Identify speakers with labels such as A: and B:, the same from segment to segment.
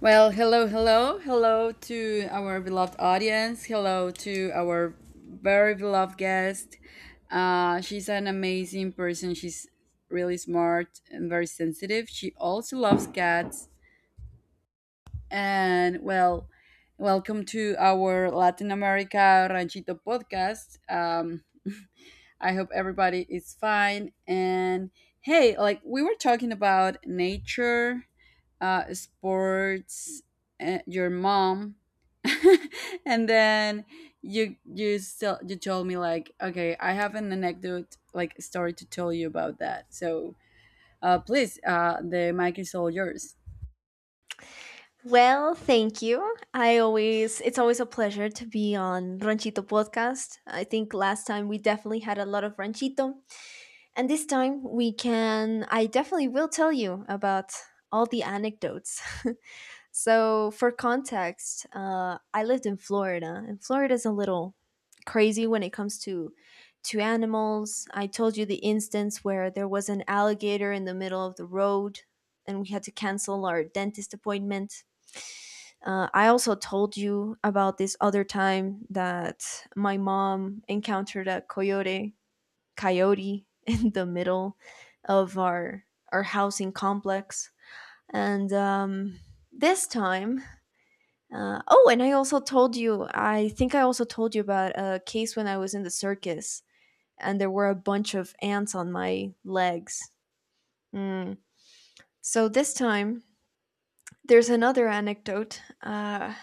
A: Well, hello, hello, hello to our beloved audience. Hello to our very beloved guest. She's an amazing person. She's really smart and very sensitive. She also loves cats. And well, welcome to our Latin America Ranchito podcast. I hope everybody is fine. And hey, like we were talking about nature, sports, your mom, and then you still you told me like, okay, I have an anecdote, like, story to tell you about that. So please, the mic is all yours.
B: Well, thank you. I always it's always a pleasure to be on Ranchito podcast. I think last time we definitely had a lot of Ranchito, and this time we can I definitely will tell you about all the anecdotes. So, for context, I lived in Florida, and Florida is a little crazy when it comes to animals. I told you the instance where there was an alligator in the middle of the road, and we had to cancel our dentist appointment. I also told you about this other time that my mom encountered a coyote, in the middle of our housing complex, and this time oh, and I think I also told you about a case when I was in the circus and there were a bunch of ants on my legs. Mm. So this time, there's another anecdote,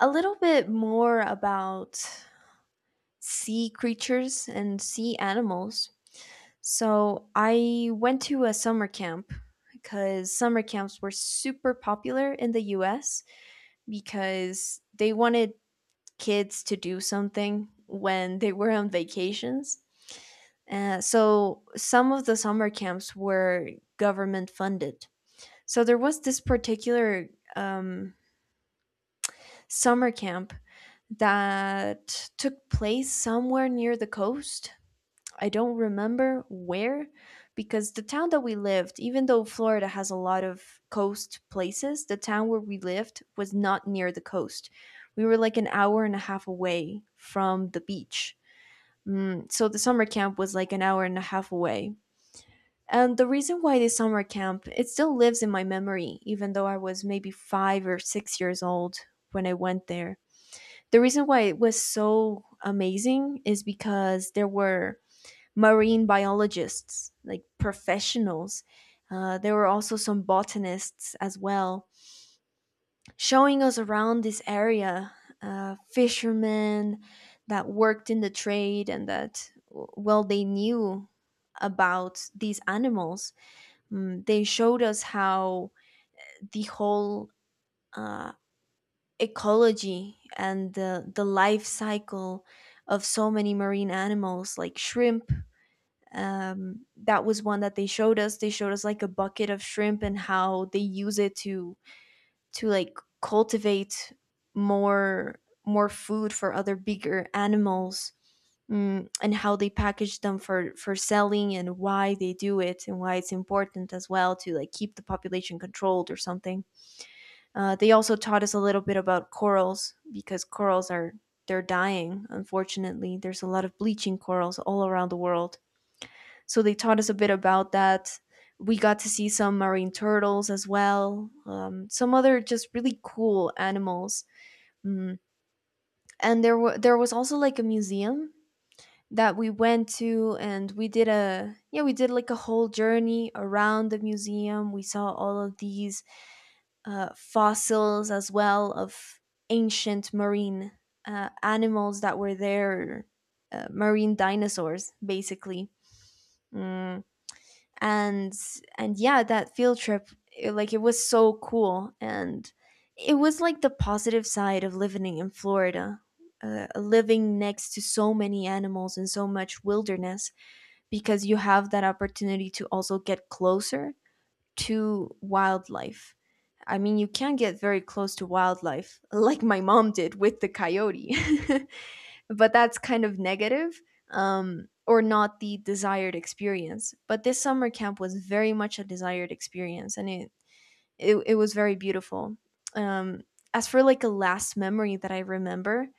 B: a little bit more about sea creatures and sea animals. So I went to a summer camp because summer camps were super popular in the US because they wanted kids to do something when they were on vacations. So some of the summer camps were government funded. So there was this particular um, summer camp that took place somewhere near the coast, I don't remember where, because the town that we lived, even though Florida has a lot of coast places, the town where we lived was not near the coast. We were like an hour and a half away from the beach. Mm, so the summer camp was like an hour and a half away. And the reason why this summer camp, it still lives in my memory, even though I was maybe 5 or 6 years old when I went there. The reason why it was so amazing is because there were marine biologists, like professionals. There were also some botanists as well, showing us around this area, fishermen that worked in the trade and that, well, they knew about these animals. Mm, they showed us how the whole uh, ecology and the life cycle of so many marine animals, like shrimp. That was one that they showed us like a bucket of shrimp and how they use it to like cultivate more more food for other bigger animals. And how they package them for selling and why they do it and why it's important as well to like keep the population controlled or something. They also taught us a little bit about corals because corals are they're dying, unfortunately. There's a lot of bleaching corals all around the world, so they taught us a bit about that. We got to see some marine turtles as well, some other just really cool animals. Mm. And there was also like a museum that we went to, and we did like a whole journey around the museum. We saw all of these fossils as well of ancient marine animals that were there, marine dinosaurs basically. Mm and and yeah, that field trip, it was so cool, and it was like the positive side of living in Florida, living next to so many animals and so much wilderness, because you have that opportunity to also get closer to wildlife. I mean, you can get very close to wildlife, like my mom did with the coyote. But that's kind of negative, or not the desired experience. But this summer camp was very much a desired experience, and it was very beautiful. Um, as for like a last memory that I remember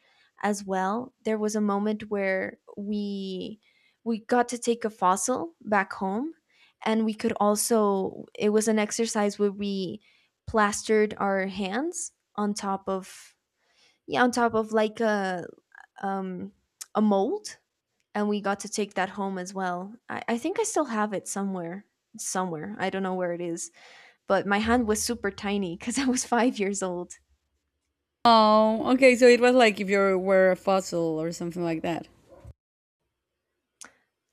B: as well, there was a moment where we got to take a fossil back home, and we could also it was an exercise where we plastered our hands on top of, yeah, on top of like um, a mold, and we got to take that home as well. I think I still have it somewhere. Somewhere. I don't know where it is. But my hand was super tiny because I was 5 years old.
A: Oh, okay. So it was like if you were a fossil or something like that.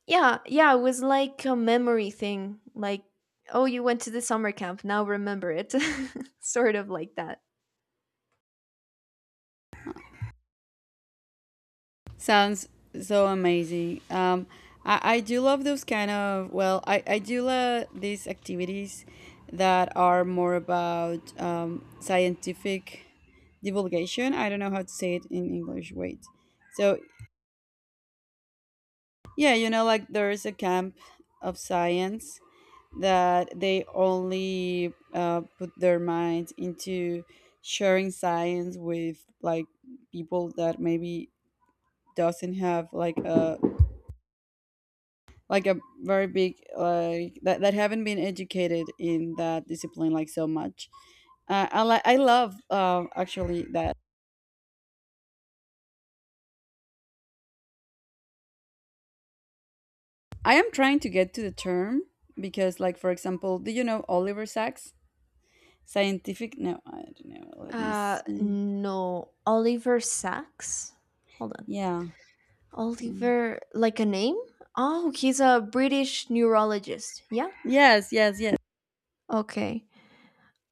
B: Yeah, yeah, it was like a memory thing. Like, oh, you went to the summer camp. Now remember it. Sort of like that.
A: Sounds so amazing. I do love those kind of, well, I do love these activities that are more about scientific divulgation. I don't know how to say it in English. Wait. So, yeah, you know, like there is a camp of science that they only put their minds into sharing science with, like, people that maybe doesn't have like a very big, like, that, that haven't been educated in that discipline like so much. I love, actually, that I am trying to get to the term because, like, for example, do you know Oliver Sacks? Scientific? No, I don't know, let me see.
B: No, Oliver Sacks. Hold on.
A: Yeah, um,
B: Oliver, like a name? Oh, he's a British neurologist. Yeah?
A: yes, yes, yes.
B: Okay.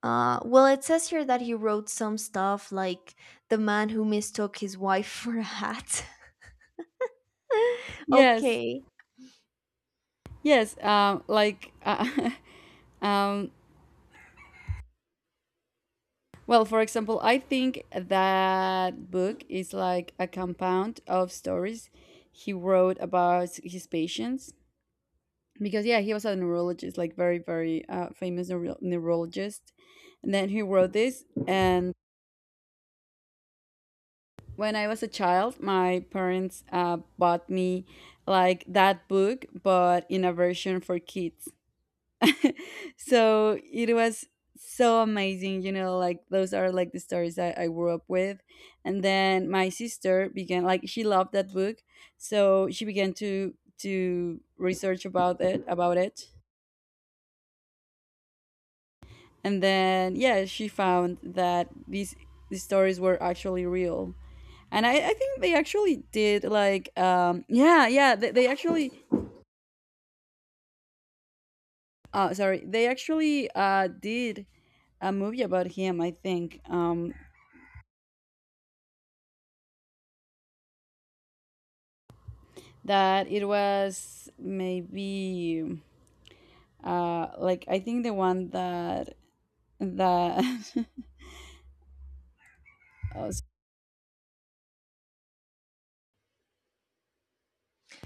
B: Well, it says here that he wrote some stuff like The Man Who Mistook His Wife for a Hat.
A: Yes,
B: Okay.
A: yes, like, um well, for example, I think that book is like a compound of stories he wrote about his patients. Because, yeah, he was a neurologist, like, very, very, famous neurologist. And then he wrote this. And when I was a child, my parents bought me, like, that book, but in a version for kids. So it was so amazing, you know, like, those are like the stories that I grew up with. And then my sister began, like, she loved that book, so she began to research about it, and then, yeah, she found that these stories were actually real. And I think they actually did, like, yeah, yeah, they actually, sorry, they actually did a movie about him, I think. That it was maybe like, I think the one that oh,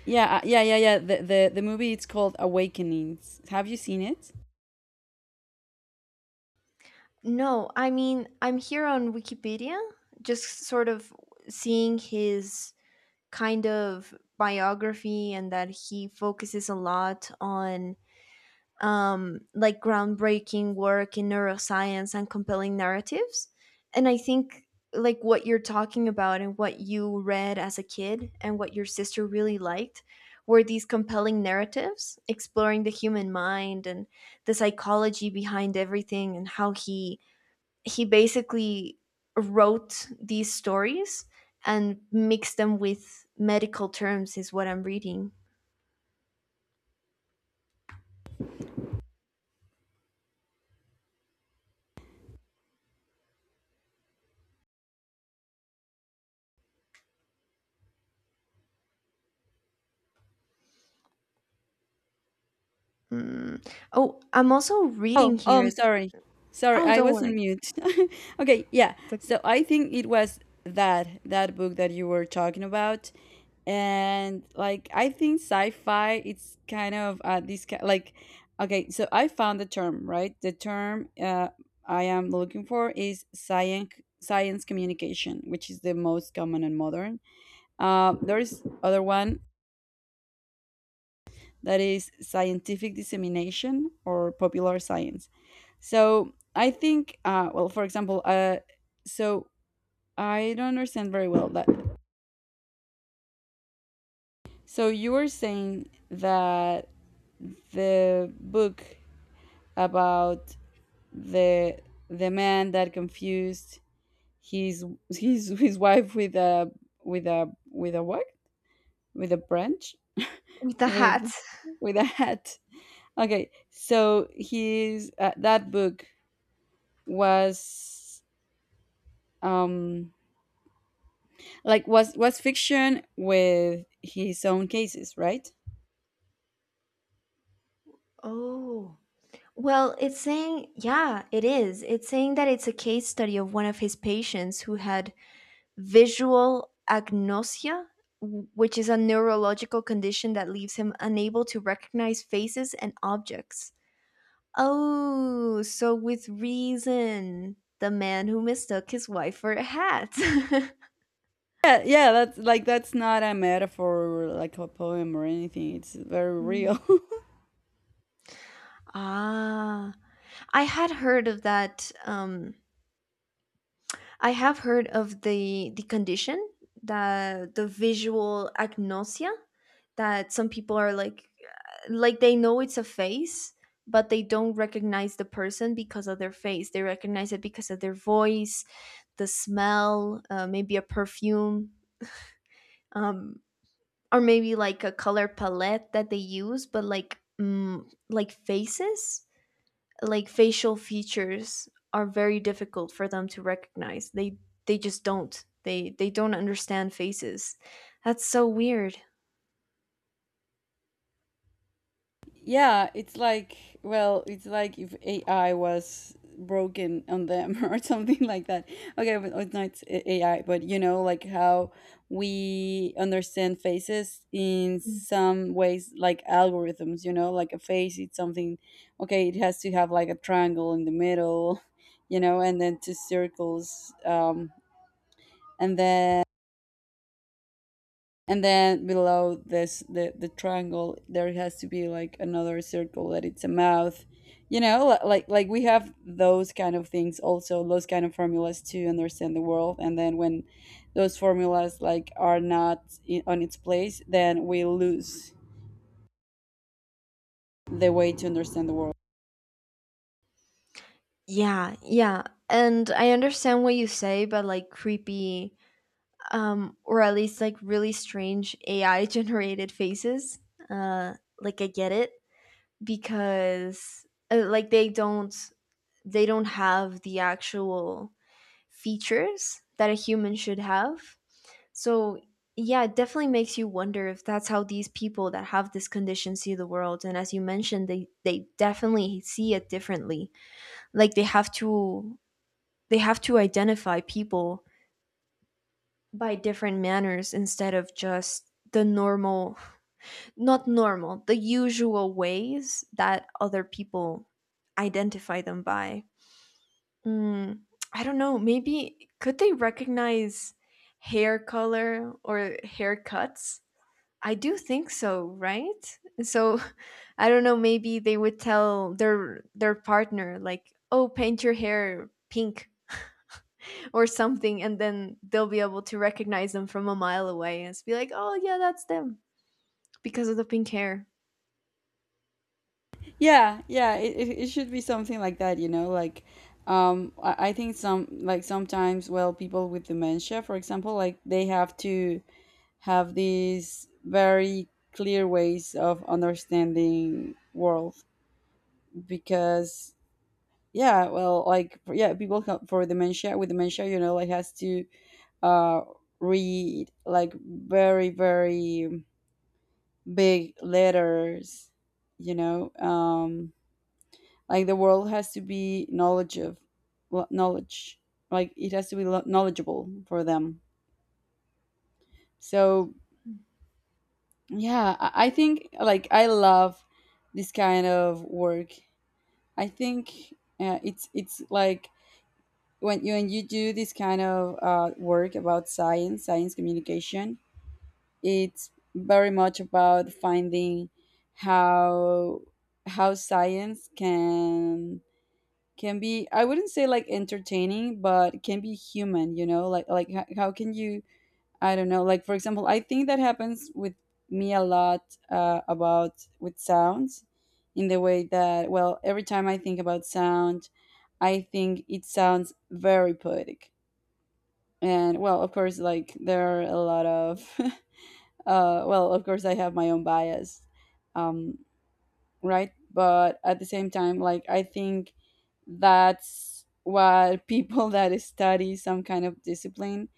A: yeah, yeah, yeah, yeah, the movie, it's called Awakenings. Have you seen it?
B: No, I mean, I'm here on Wikipedia, just sort of seeing his kind of biography, and that he focuses a lot on, like, groundbreaking work in neuroscience and compelling narratives. And I think, like, what you're talking about and what you read as a kid and what your sister really liked were these compelling narratives exploring the human mind and the psychology behind everything, and how he basically wrote these stories and mixed them with medical terms, is what I'm reading. Mm. Oh, I'm also
A: Oh,
B: reading
A: oh,
B: here.
A: I'm sorry. Sorry,
B: Oh,
A: I
B: don't
A: was on
B: worry.
A: mute. Okay, yeah.
B: It's okay.
A: So I think it was that book that you were talking about. And, like, I think sci-fi it's kind of, this ki like okay, so I found the term, right? The term I am looking for is science communication, which is the most common and modern. There is other one that is scientific dissemination or popular science. So I think, well, for example, so I don't understand very well that. So you were saying that the book about the the man that confused his wife with a with a what, with a branch,
B: With the hat.
A: with with a hat. Okay, so his, that book was um like, was fiction with his own cases, right?
B: Oh. Well, it's saying, yeah, it is. It's saying that it's a case study of one of his patients who had visual agnosia, which is a neurological condition that leaves him unable to recognize faces and objects. Oh, so with reason, The Man Who Mistook His Wife for a Hat.
A: Yeah, yeah. That's like, that's not a metaphor, or like a poem or anything. It's very
B: Mm.
A: real.
B: ah, I had heard of that um I have heard of the condition, that the visual agnosia, that some people are like they know it's a face, but they don't recognize the person because of their face. They recognize it because of their voice, the smell, maybe a perfume, um, or maybe like a color palette that they use. But like, like faces, like facial features are very difficult for them to recognize. They just don't. They don't understand faces. That's so weird.
A: Yeah, it's like, well, it's like if AI was broken on them, or something like that. Okay, but it's not AI, but, you know, like how we understand faces in
B: Mm.
A: some ways, like algorithms. You know, like a face, it's something. Okay, it has to have like a triangle in the middle, you know, and then two circles, and then and then below this the triangle there has to be like another circle that it's a mouth, you know, like we have those kind of things, also those kind of formulas to understand the world. And then when those formulas like are not in, on its place, then we lose the way to understand the world.
B: Yeah, yeah. And I understand what you say, but like, creepy, or at least like really strange AI generated faces. Uh, like I get it because like they don't have the actual features that a human should have. So, yeah, it definitely makes you wonder if that's how these people that have this condition see the world. And as you mentioned, they definitely see it differently. Like, they have to identify people by different manners instead of just the normal, not normal, the usual ways that other people identify them by. Mm, I don't know, maybe could they recognize hair color or haircuts? I do think so, right? So, I don't know, maybe they would tell their partner like, "Oh, paint your hair pink or something," and then they'll be able to recognize them from a mile away and be like, "Oh, yeah, that's them because of the pink hair."
A: Yeah, yeah, it should be something like that, you know, like, I think some, like, sometimes, well, people with dementia, for example, like, they have to have these very clear ways of understanding world. Because, yeah, well, like, yeah, people for dementia, with dementia, you know, like has to uh read, like, very very big letters, you know. Like, the world has to be knowledge of, well, knowledge, like it has to be knowledgeable for them. So yeah, I think, like, I love this kind of work. I think it's like, when you do this kind of work about science, science communication, it's very much about finding how how science can be, I wouldn't say like entertaining, but can be human, you know, like, how can you, I don't know. Like, for example, I think that happens with me a lot about with sounds, in the way that, well, every time I think about sound, I think it sounds very poetic. And well, of course, like, there are a lot of, well, of course, I have my own bias, um, right? But at the same time, like, I think that's what people that study some kind of discipline,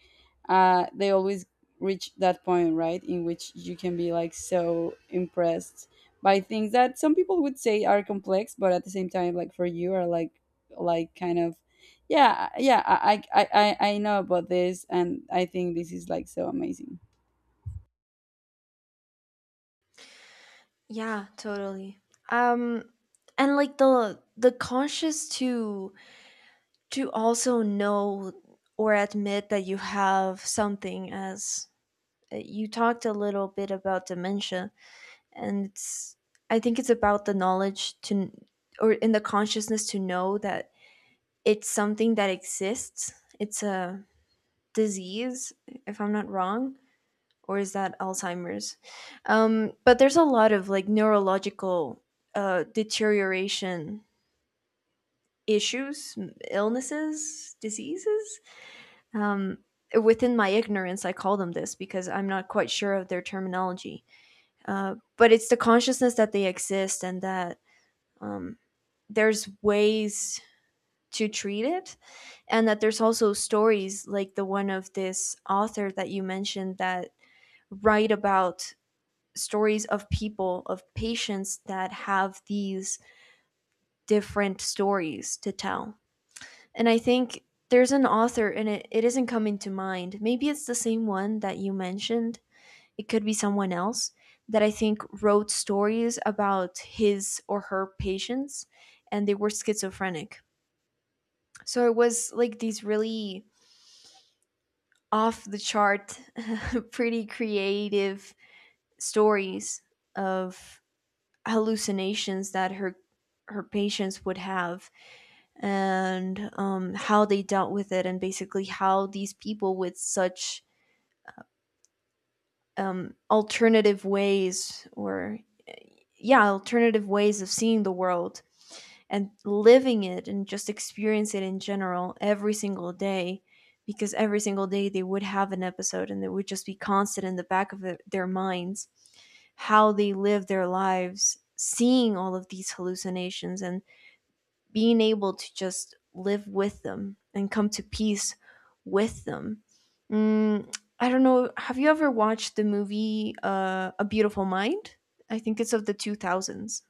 A: they always reach that point, right, in which you can be, like, so impressed by things that some people would say are complex, but at the same time, like, for you, are like kind of, yeah, yeah, I know about this, and I think this is like so amazing.
B: Yeah, totally. Um and like, the conscious to, also know or admit that you have something, as you talked a little bit about dementia. And it's i think it's about the knowledge to, or in the consciousness to know that, it's something that exists, it's a disease, if I'm not wrong, or is that Alzheimer's? But there's a lot of like neurological deterioration, issues, illnesses, diseases, um, within my ignorance I call them this because I'm not quite sure of their terminology. But it's the consciousness that they exist, and that, um, there's ways to treat it, and that there's also stories like the one of this author that you mentioned, that write about stories of people, of patients that have these different stories to tell. And I think there's an author and it isn't coming to mind, maybe it's the same one that you mentioned, it could be someone else, that I think wrote stories about his or her patients, and they were schizophrenic. So it was like these really off the chart, pretty creative stories of hallucinations that her patients would have, and how they dealt with it, and basically how these people with such um, alternative ways or yeah alternative ways of seeing the world and living it and just experience it in general every single day, because every single day they would have an episode and it would just be constant in the back of their minds, how they live their lives seeing all of these hallucinations and being able to just live with them and come to peace with them. Mm, I don't know. Have you ever watched the movie, A Beautiful Mind? I think it's of the 2000s.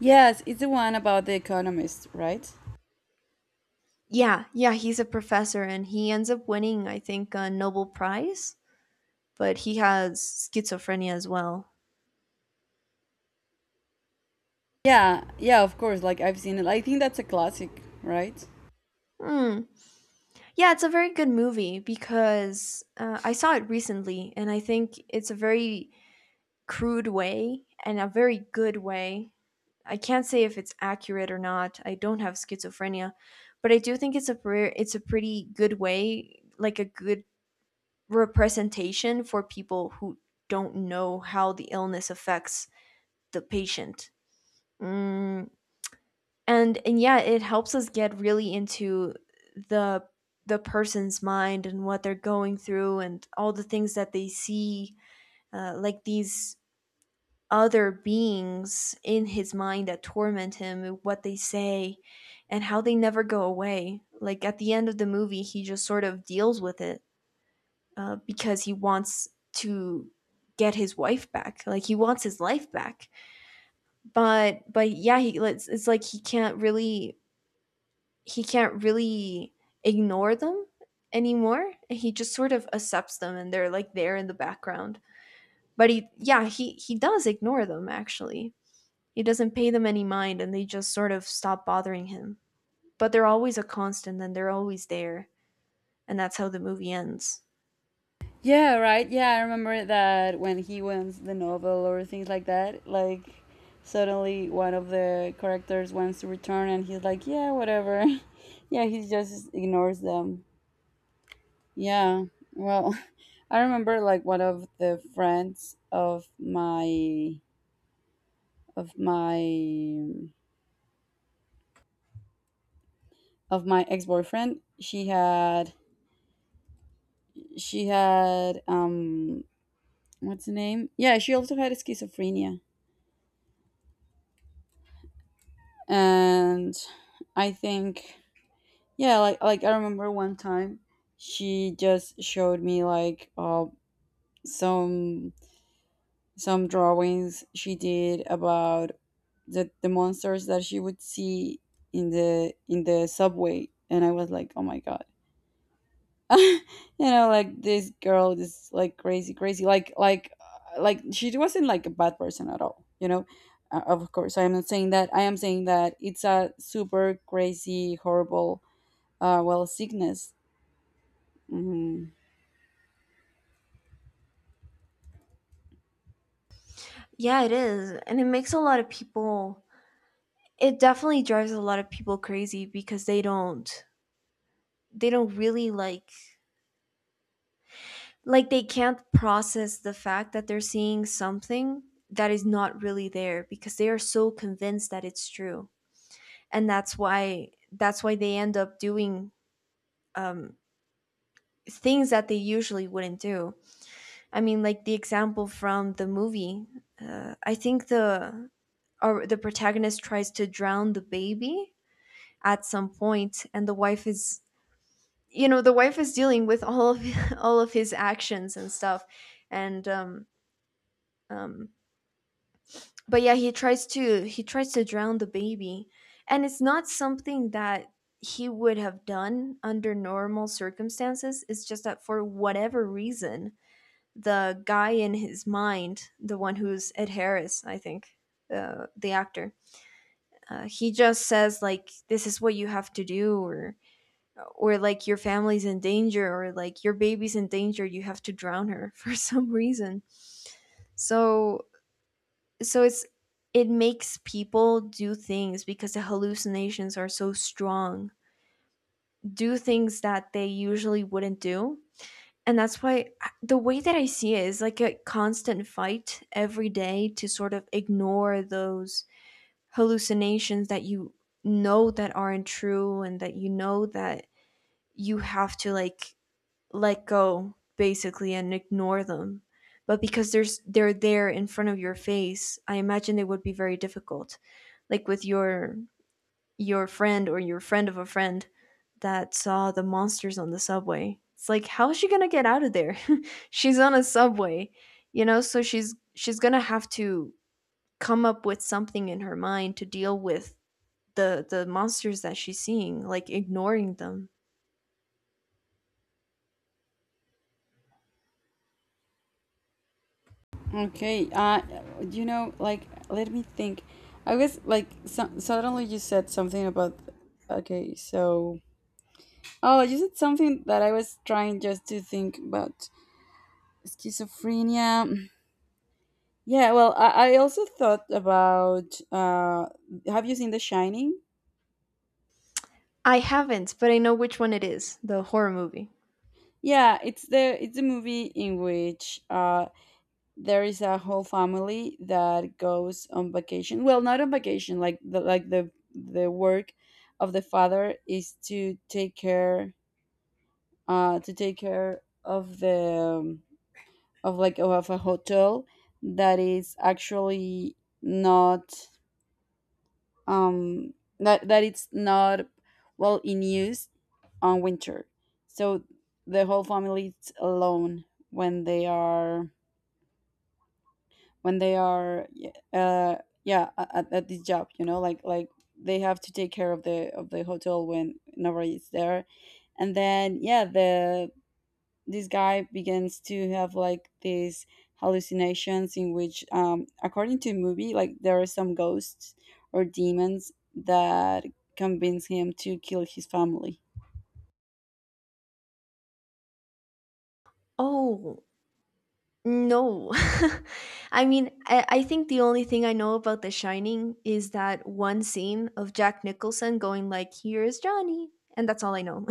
A: Yes, it's the one about the economist, right?
B: Yeah, yeah, he's a professor and he ends up winning, I think, a Nobel Prize, but he has schizophrenia as well.
A: Yeah, yeah, of course. Like, I've seen it. I think that's a classic, right?
B: Hmm. Yeah, it's a very good movie because I saw it recently and I think it's a very crude way and a very good way. I can't say if it's accurate or not. I don't have schizophrenia, but I do think it's a pretty good way, like a good representation for people who don't know how the illness affects the patient. Mm, and yeah, it helps us get really into the the person's mind and what they're going through and all the things that they see, like these other beings in his mind that torment him, what they say and how they never go away. Like at the end of the movie he just sort of deals with it, because he wants to get his wife back, like he wants his life back, but yeah, it's like he can't really he can't really ignore them anymore. He just sort of accepts them and they're like there in the background, but he, yeah, he does ignore them actually. He doesn't pay them any mind and they just sort of stop bothering him. But they're always a constant and they're always there. And that's how the movie ends.
A: Yeah, right. Yeah, I remember that when he wins the novel or things like that, like, suddenly one of the characters wants to return and he's like, "Yeah, whatever." Yeah, he just ignores them. Yeah. Well, I remember, like, one of the friends of my of my of my ex-boyfriend, she had she had um what's the name? Yeah, she also had schizophrenia. And I think, yeah, like, I remember one time she just showed me, like, some some drawings she did about the monsters that she would see in the subway, and I was like, "Oh my god." You know, like, this girl is like crazy crazy like like, she wasn't like a bad person at all, you know. Of course, I am not saying that. I am saying that it's a super crazy, horrible, well, sickness. Mhm.
B: Yeah, it is. And it makes a lot of people, it definitely drives a lot of people crazy because they don't really like they can't process the fact that they're seeing something that is not really there because they are so convinced that it's true. And that's why they end up doing um things that they usually wouldn't do. I mean, like the example from the movie. I think the protagonist tries to drown the baby at some point, and the wife is, you know, the wife is dealing with all of all of his actions and stuff, and um, but yeah, he tries to drown the baby, and it's not something that he would have done under normal circumstances. It's just that for whatever reason, the guy in his mind, the one who's Ed Harris, I think, the actor. He just says like, "This is what you have to do," or like your family's in danger, or like your baby's in danger. You have to drown her for some reason. So so it's it makes people do things because the hallucinations are so strong, do things that they usually wouldn't do, and the way that I see it is like a constant fight every day to sort of ignore those hallucinations that you know that aren't true and that you know that you have to like let go basically and ignore them. But because there's they're there in front of your face, I imagine it would be very difficult. Like with your friend or your friend of a friend that saw the monsters on the subway. It's like how is she going to get out of there? She's on a subway, you know, so she's going to have to come up with something in her mind to deal with the monsters that she's seeing, like ignoring them.
A: Okay. You know, like, let me think. I was like, suddenly you said something about. Okay, so, oh, you said something that I was trying just to think about schizophrenia. Yeah, well, I also thought about. Have you seen The Shining?
B: I haven't, but I know which one it is, the horror movie.
A: Yeah, it's the movie in which there is a whole family that goes on vacation. Well, not on vacation, like the work of the father is to take care of the, of like of a hotel that is actually not, um that it's not, well, in use on winter. So the whole family is alone when they are when they are uh yeah, at this job, you know, like, they have to take care of the hotel when nobody is there. And then, yeah, the this guy begins to have, like, these hallucinations in which, according to the movie, like, there are some ghosts or demons that convince him to kill his family.
B: Oh, no. I mean, I think the only thing I know about The Shining is that one scene of Jack Nicholson going like, "Here's Johnny," and that's all I know.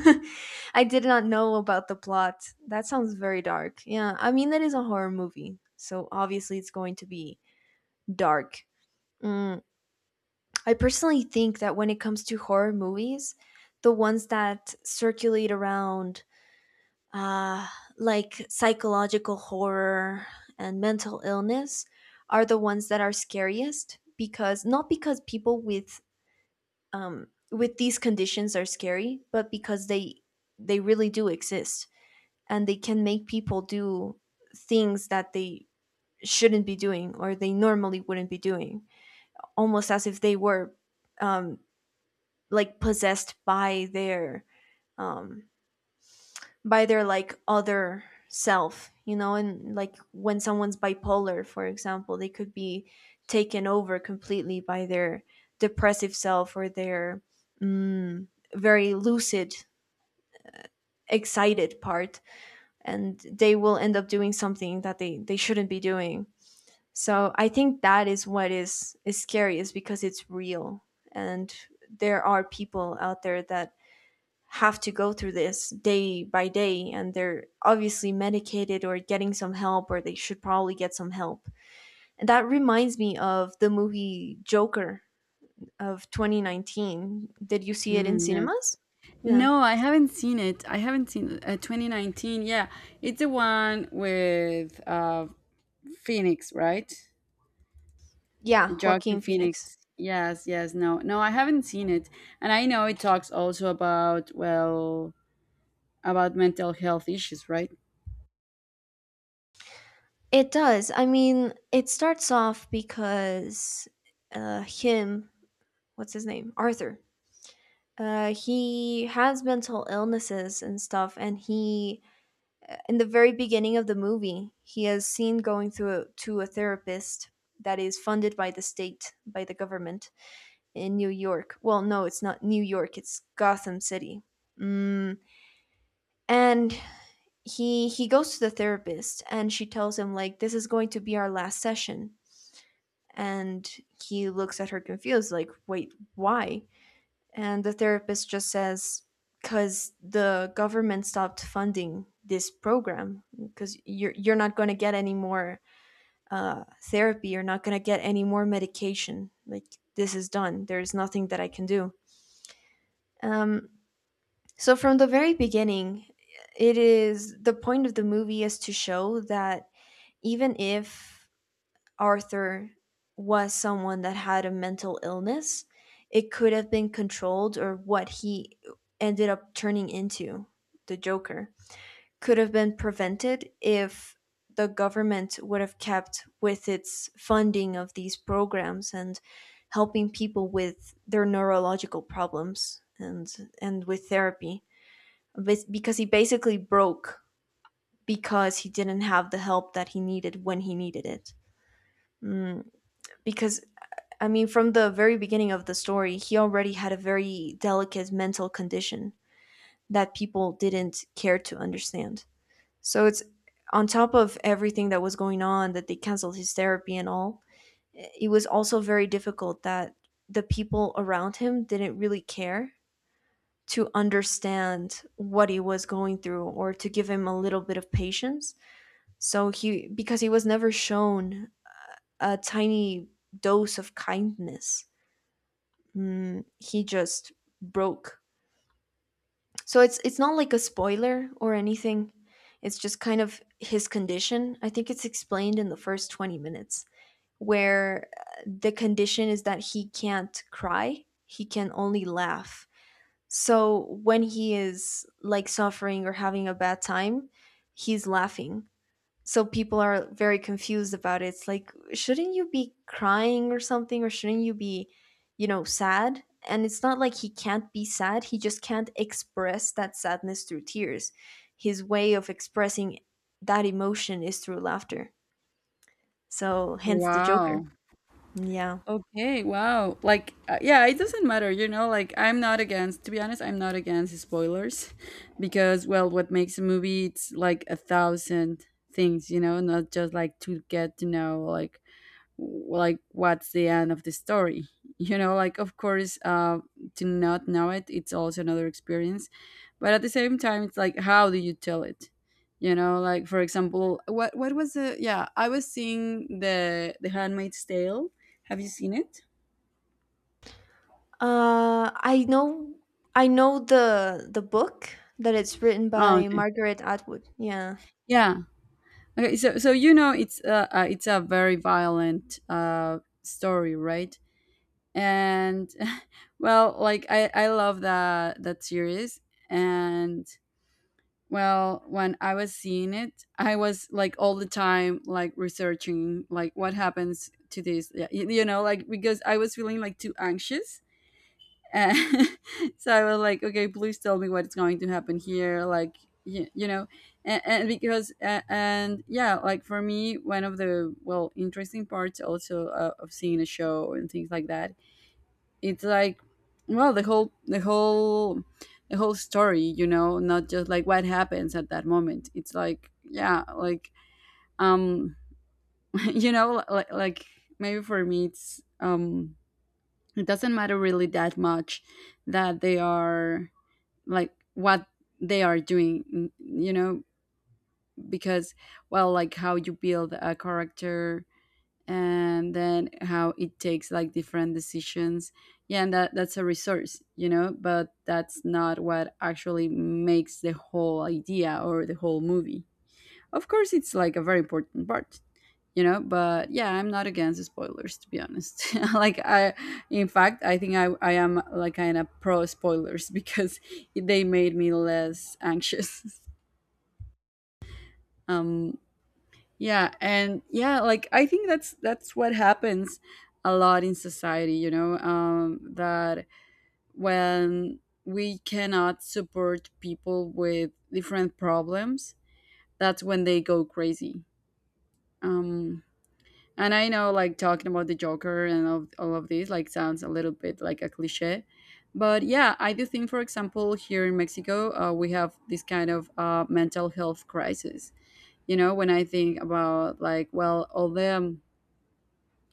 B: I did not know about the plot. That sounds very dark. Yeah, I mean, that is a horror movie, so obviously it's going to be dark. Mm, I personally think that when it comes to horror movies, the ones that circulate around uh, like psychological horror and mental illness are the ones that are scariest because not because people with these conditions are scary but because they really do exist and they can make people do things that they shouldn't be doing or they normally wouldn't be doing, almost as if they were um, like possessed um, by their like other self, you know. And like when someone's bipolar for example they could be taken over completely by their depressive self or their mm, very lucid excited part and they will end up doing something that they shouldn't be doing. So I think that is what is scary, is because it's real and there are people out there that have to go through this day by day and they're obviously medicated or getting some help or they should probably get some help. And that reminds me of the movie Joker of 2019. Did you see it in
A: Mm, yes.
B: cinemas? Yeah.
A: No, I haven't seen it. I haven't seen it. 2019. Yeah, it's the one with, Phoenix, right?
B: Yeah,
A: Joaquin
B: Joaquin Phoenix.
A: Phoenix. Yes, yes, no. No, I haven't seen it. And I know it talks also about, well, about mental health issues, right?
B: It does. I mean, it starts off because uh him, what's his name? Arthur. Uh, he has mental illnesses and stuff and he, in the very beginning of the movie, he is seen going through to a therapist that is funded by the state, by the government in New York. Well, no, it's not New York; it's Gotham City. Mm. And he goes to the therapist, and she tells him like, "This is going to be our last session." And he looks at her confused, like, "Wait, why?" And the therapist just says, because the government stopped funding this program, because you're not going to get any more therapy, you're not going to get any more medication. Like, this is done. There is nothing that I can do. Um, so, from the very beginning, it is the point of the movie is to show that even if Arthur was someone that had a mental illness, it could have been controlled, or what he ended up turning into, the Joker, could have been prevented if the government would have kept with its funding of these programs and helping people with their neurological problems and with therapy. But because he basically broke, because he didn't have the help that he needed when he needed it. Mm, because I mean, from the very beginning of the story, he already had a very delicate mental condition that people didn't care to understand. So it's on top of everything that was going on that they canceled his therapy and all. It was also very difficult that the people around him didn't really care to understand what he was going through or to give him a little bit of patience. So he, because he was never shown a tiny dose of kindness, he just broke. So it's not like a spoiler or anything. It's just kind of his condition. I think it's explained in the first 20 minutes where the condition is that he can't cry, he can only laugh. So when he is like suffering or having a bad time, he's laughing, so people are very confused about it. It's like, shouldn't you be crying or something, or shouldn't you be, you know, sad? And it's not like he can't be sad, he just can't express that sadness through tears. His way of expressing that emotion is through laughter. So, hence the Joker.
A: Wow.
B: Yeah.
A: Okay, wow. Like, yeah, it doesn't matter, you know, like, I'm not against, to be honest, I'm not against spoilers, because, well, what makes a movie, it's like a thousand things, you know, not just, like, to get to know like what's the end of the story, you know, like, of course, to not know it, it's also another experience, but at the same time, it's like, how do you tell it, you know, like, for example, what was the, yeah, I was seeing the Handmaid's Tale. Have you seen it?
B: Uh, I know, I know the book that it's written
A: Oh,
B: by
A: okay.
B: Margaret Atwood. Yeah,
A: Yeah. Okay. So, so you know, it's, it's a very violent, story, right? And well, like, I love that series, and well, when I was seeing it, I was like, all the time, like, researching like what happens to this, yeah, you know, like because I was feeling like too anxious. And so I was like, okay, please tell me what's going to happen here, like you, you know, and because and yeah, like for me, one of the interesting parts also of seeing a show and things like that it's like well, the whole the whole story, you know, not just like what happens at that moment. It's like yeah, like um you know like maybe for me it's it doesn't matter really that much that they are like what they are doing you know, because well, like how you build a character and then how it takes like different decisions. Yeah, and that's a resource, you know, but that's not what actually makes the whole idea or the whole movie. Of course it's like a very important part, you know, but yeah, I'm not against spoilers to be honest. Like I in fact I think I am like kind of pro spoilers because they made me less anxious. um Yeah, and yeah, like I think that's what happens a lot in society, you know, that when we cannot support people with different problems, that's when they go crazy. Um, and I know, like talking about the Joker and all of this, like sounds a little bit like a cliche, but yeah, I do think, for example, here in Mexico, we have this kind of mental health crisis. You know, when I think about like, well, all the,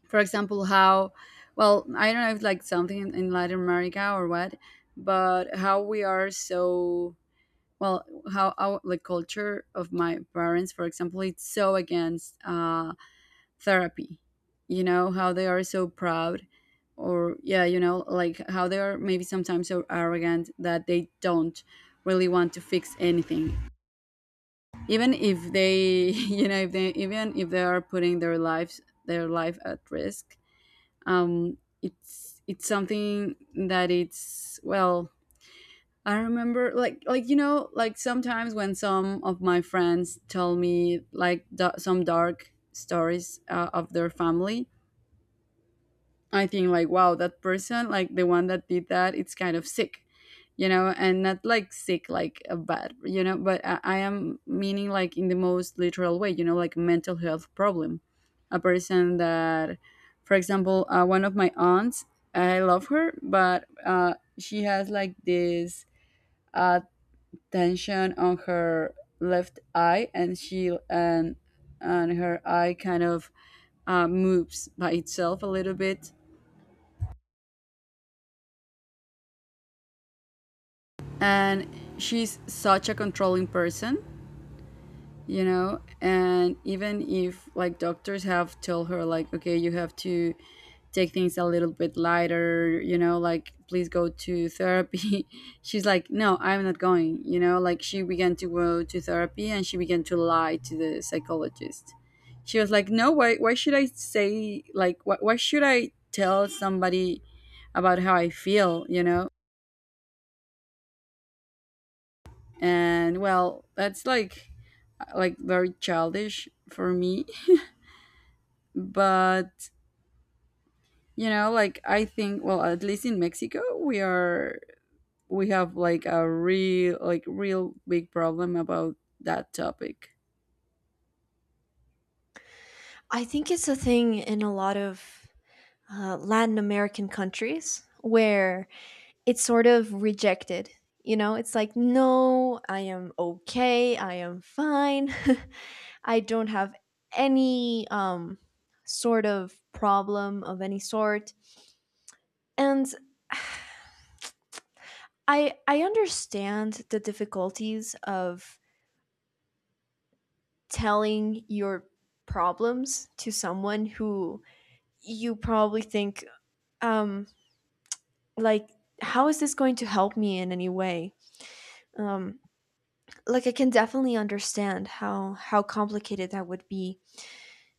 A: for example, how, well, I don't know if like something in Latin America or what, but how we are so, well, how our like culture of my parents for example, it's so against therapy. You know how they are so proud, or yeah, you know, like how they are maybe sometimes so arrogant that they don't really want to fix anything, even if they you know, if they even if they are putting their life at risk. It's something that it's, well, I remember like like, sometimes when some of my friends tell me like some dark stories of their family, I think like wow, that person like the one that did that, it's kind of sick, you know, and not like sick like a bad, you know, but I am meaning like in the most literal way, you know, like mental health problem. A person that, for example, one of my aunts, I love her, but she has like this uh, tension on her left eye and she and her eye kind of moves by itself a little bit, and she's such a controlling person, you know, and even if like doctors have told her like, okay, you have to take things a little bit lighter, you know, like please go to therapy, she's like no, I'm not going, you know, like she began to go to therapy and she began to lie to the psychologist. She was like, no, why should I say, like, why should I tell somebody about how I feel, you know. And well, that's like very childish for me, but you know, like I think, well, at least in Mexico, we have like a real, like real big problem about that topic.
B: I think it's a thing in a lot of Latin American countries where it's sort of rejected. You know, it's like, no, I am okay, I am fine, I don't have any sort of problem of any sort. And I understand the difficulties of telling your problems to someone who you probably think, um like, how is this going to help me in any way? Um, like I can definitely understand how complicated that would be.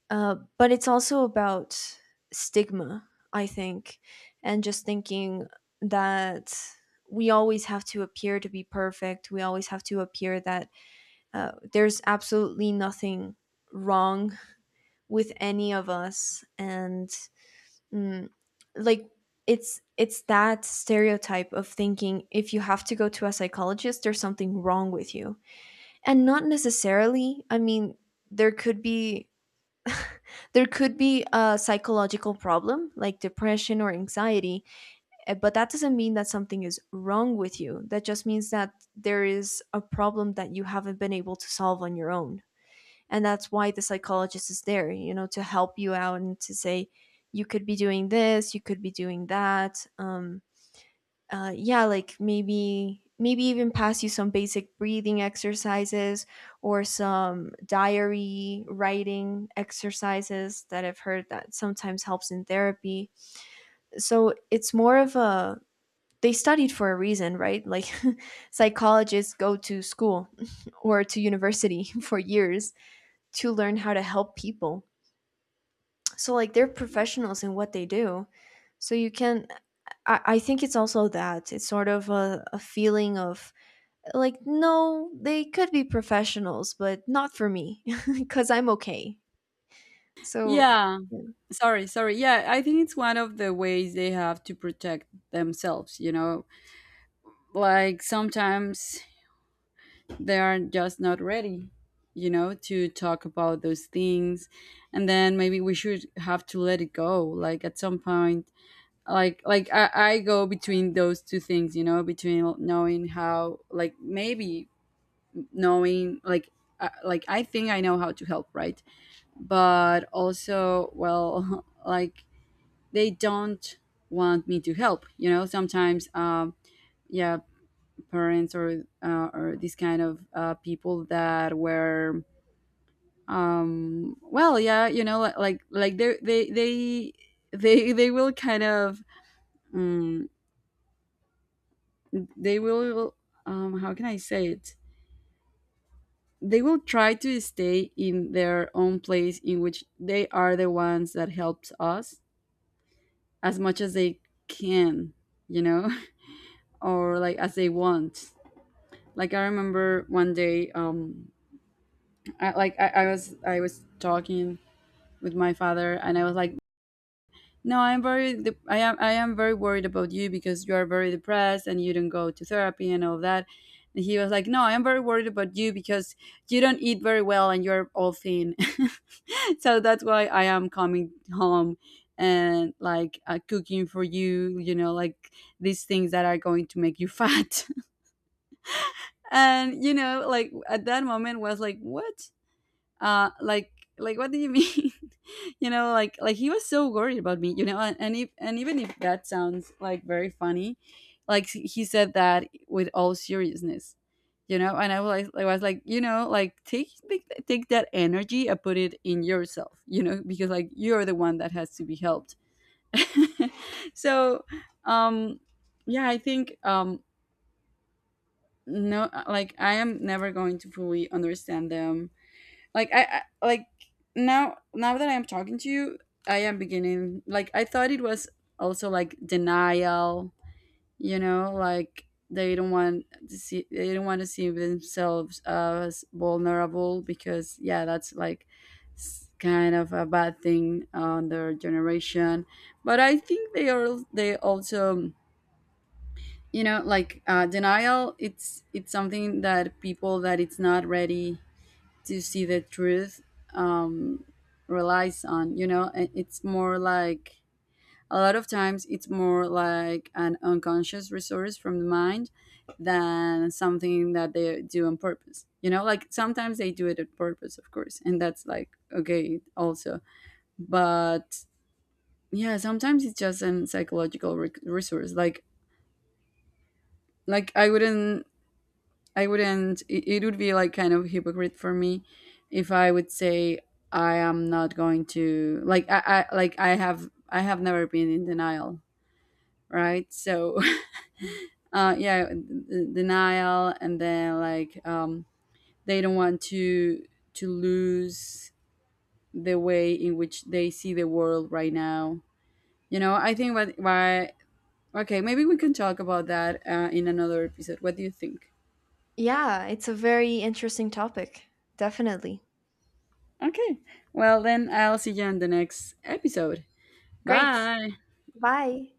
B: But it's also about stigma, I think, and just thinking that we always have to appear to be perfect. We always have to appear that there's absolutely nothing wrong with any of us, and mm, like it's that stereotype of thinking if you have to go to a psychologist, there's something wrong with you. And not necessarily, I mean, there could be there could be a psychological problem like depression or anxiety, eh, but that doesn't mean that something is wrong with you. That just means that there is a problem that you haven't been able to solve on your own. And that's why the psychologist is there, you know, to help you out and to say you could be doing this, you could be doing that. Yeah, like maybe maybe even pass you some basic breathing exercises or some diary writing exercises that I've heard that sometimes helps in therapy. So it's more of a, they studied for a reason, right? Like psychologists go to school or to university for years to learn how to help people. So like they're professionals in what they do. So you can, I think it's also that. It's sort of a feeling of, like, no, they could be professionals, but not for me because I'm okay. So, I-
A: Yeah. Sorry, sorry, yeah, I think it's one of the ways they have to protect themselves, you know, like sometimes they are just not ready, you know, to talk about those things, and then maybe we should have to let it go, like at some point, like I go between those two things, you know, between knowing how, like maybe knowing like, like I think I know how to help, right, but also, well like they don't want me to help, you know, sometimes. Yeah, parents or these kind of people that were, well, yeah, you know, like they will kind of mm, they will, how can I say it, they will try to stay in their own place in which they are the ones that helps us as much as they can, you know, or like as they want. Like I remember one day, like I was talking with my father and I was like, no, I'm very de- I am very worried about you because you are very depressed and you don't go to therapy and all that. And he was like, "No, I am very worried about you because you don't eat very well and you're all thin." So that's why I am coming home and like cooking for you, you know, like these things that are going to make you fat. And you know, like at that moment was like, "What? Like, what do you mean?" You know, like, he was so worried about me, you know, and if and even if that sounds like very funny, like he said that with all seriousness, you know. And I was like, you know, like take that energy and put it in yourself, you know, because like you're the one that has to be helped. So um yeah, I think, no, like I am never going to fully understand them. Like I like Now, that I am talking to you, I am beginning, like I thought it was also like denial, you know, like they don't want to see, they don't want to see themselves as vulnerable because yeah, that's like kind of a bad thing on their generation. But I think they are, they also, you know, like denial, it's something that people that it's not ready to see the truth um, relies on, you know. And it's more like, a lot of times it's more like an unconscious resource from the mind than something that they do on purpose, you know, like sometimes they do it on purpose of course, and that's like okay also, but yeah, sometimes it's just an psychological resource, like, like i wouldn't I wouldn't. It would be like kind of hypocrite for me if I would say I am not going to, I have never been in denial, right? So yeah, denial, and then like, they don't want to lose the way in which they see the world right now. You know, I think what, why, okay, maybe we can talk about that in another episode. What do you think?
B: yeah, it's a very interesting topic. Definitely.
A: Okay. Well, then I'll see you on the next episode.
B: Great.
A: Bye.
B: Bye.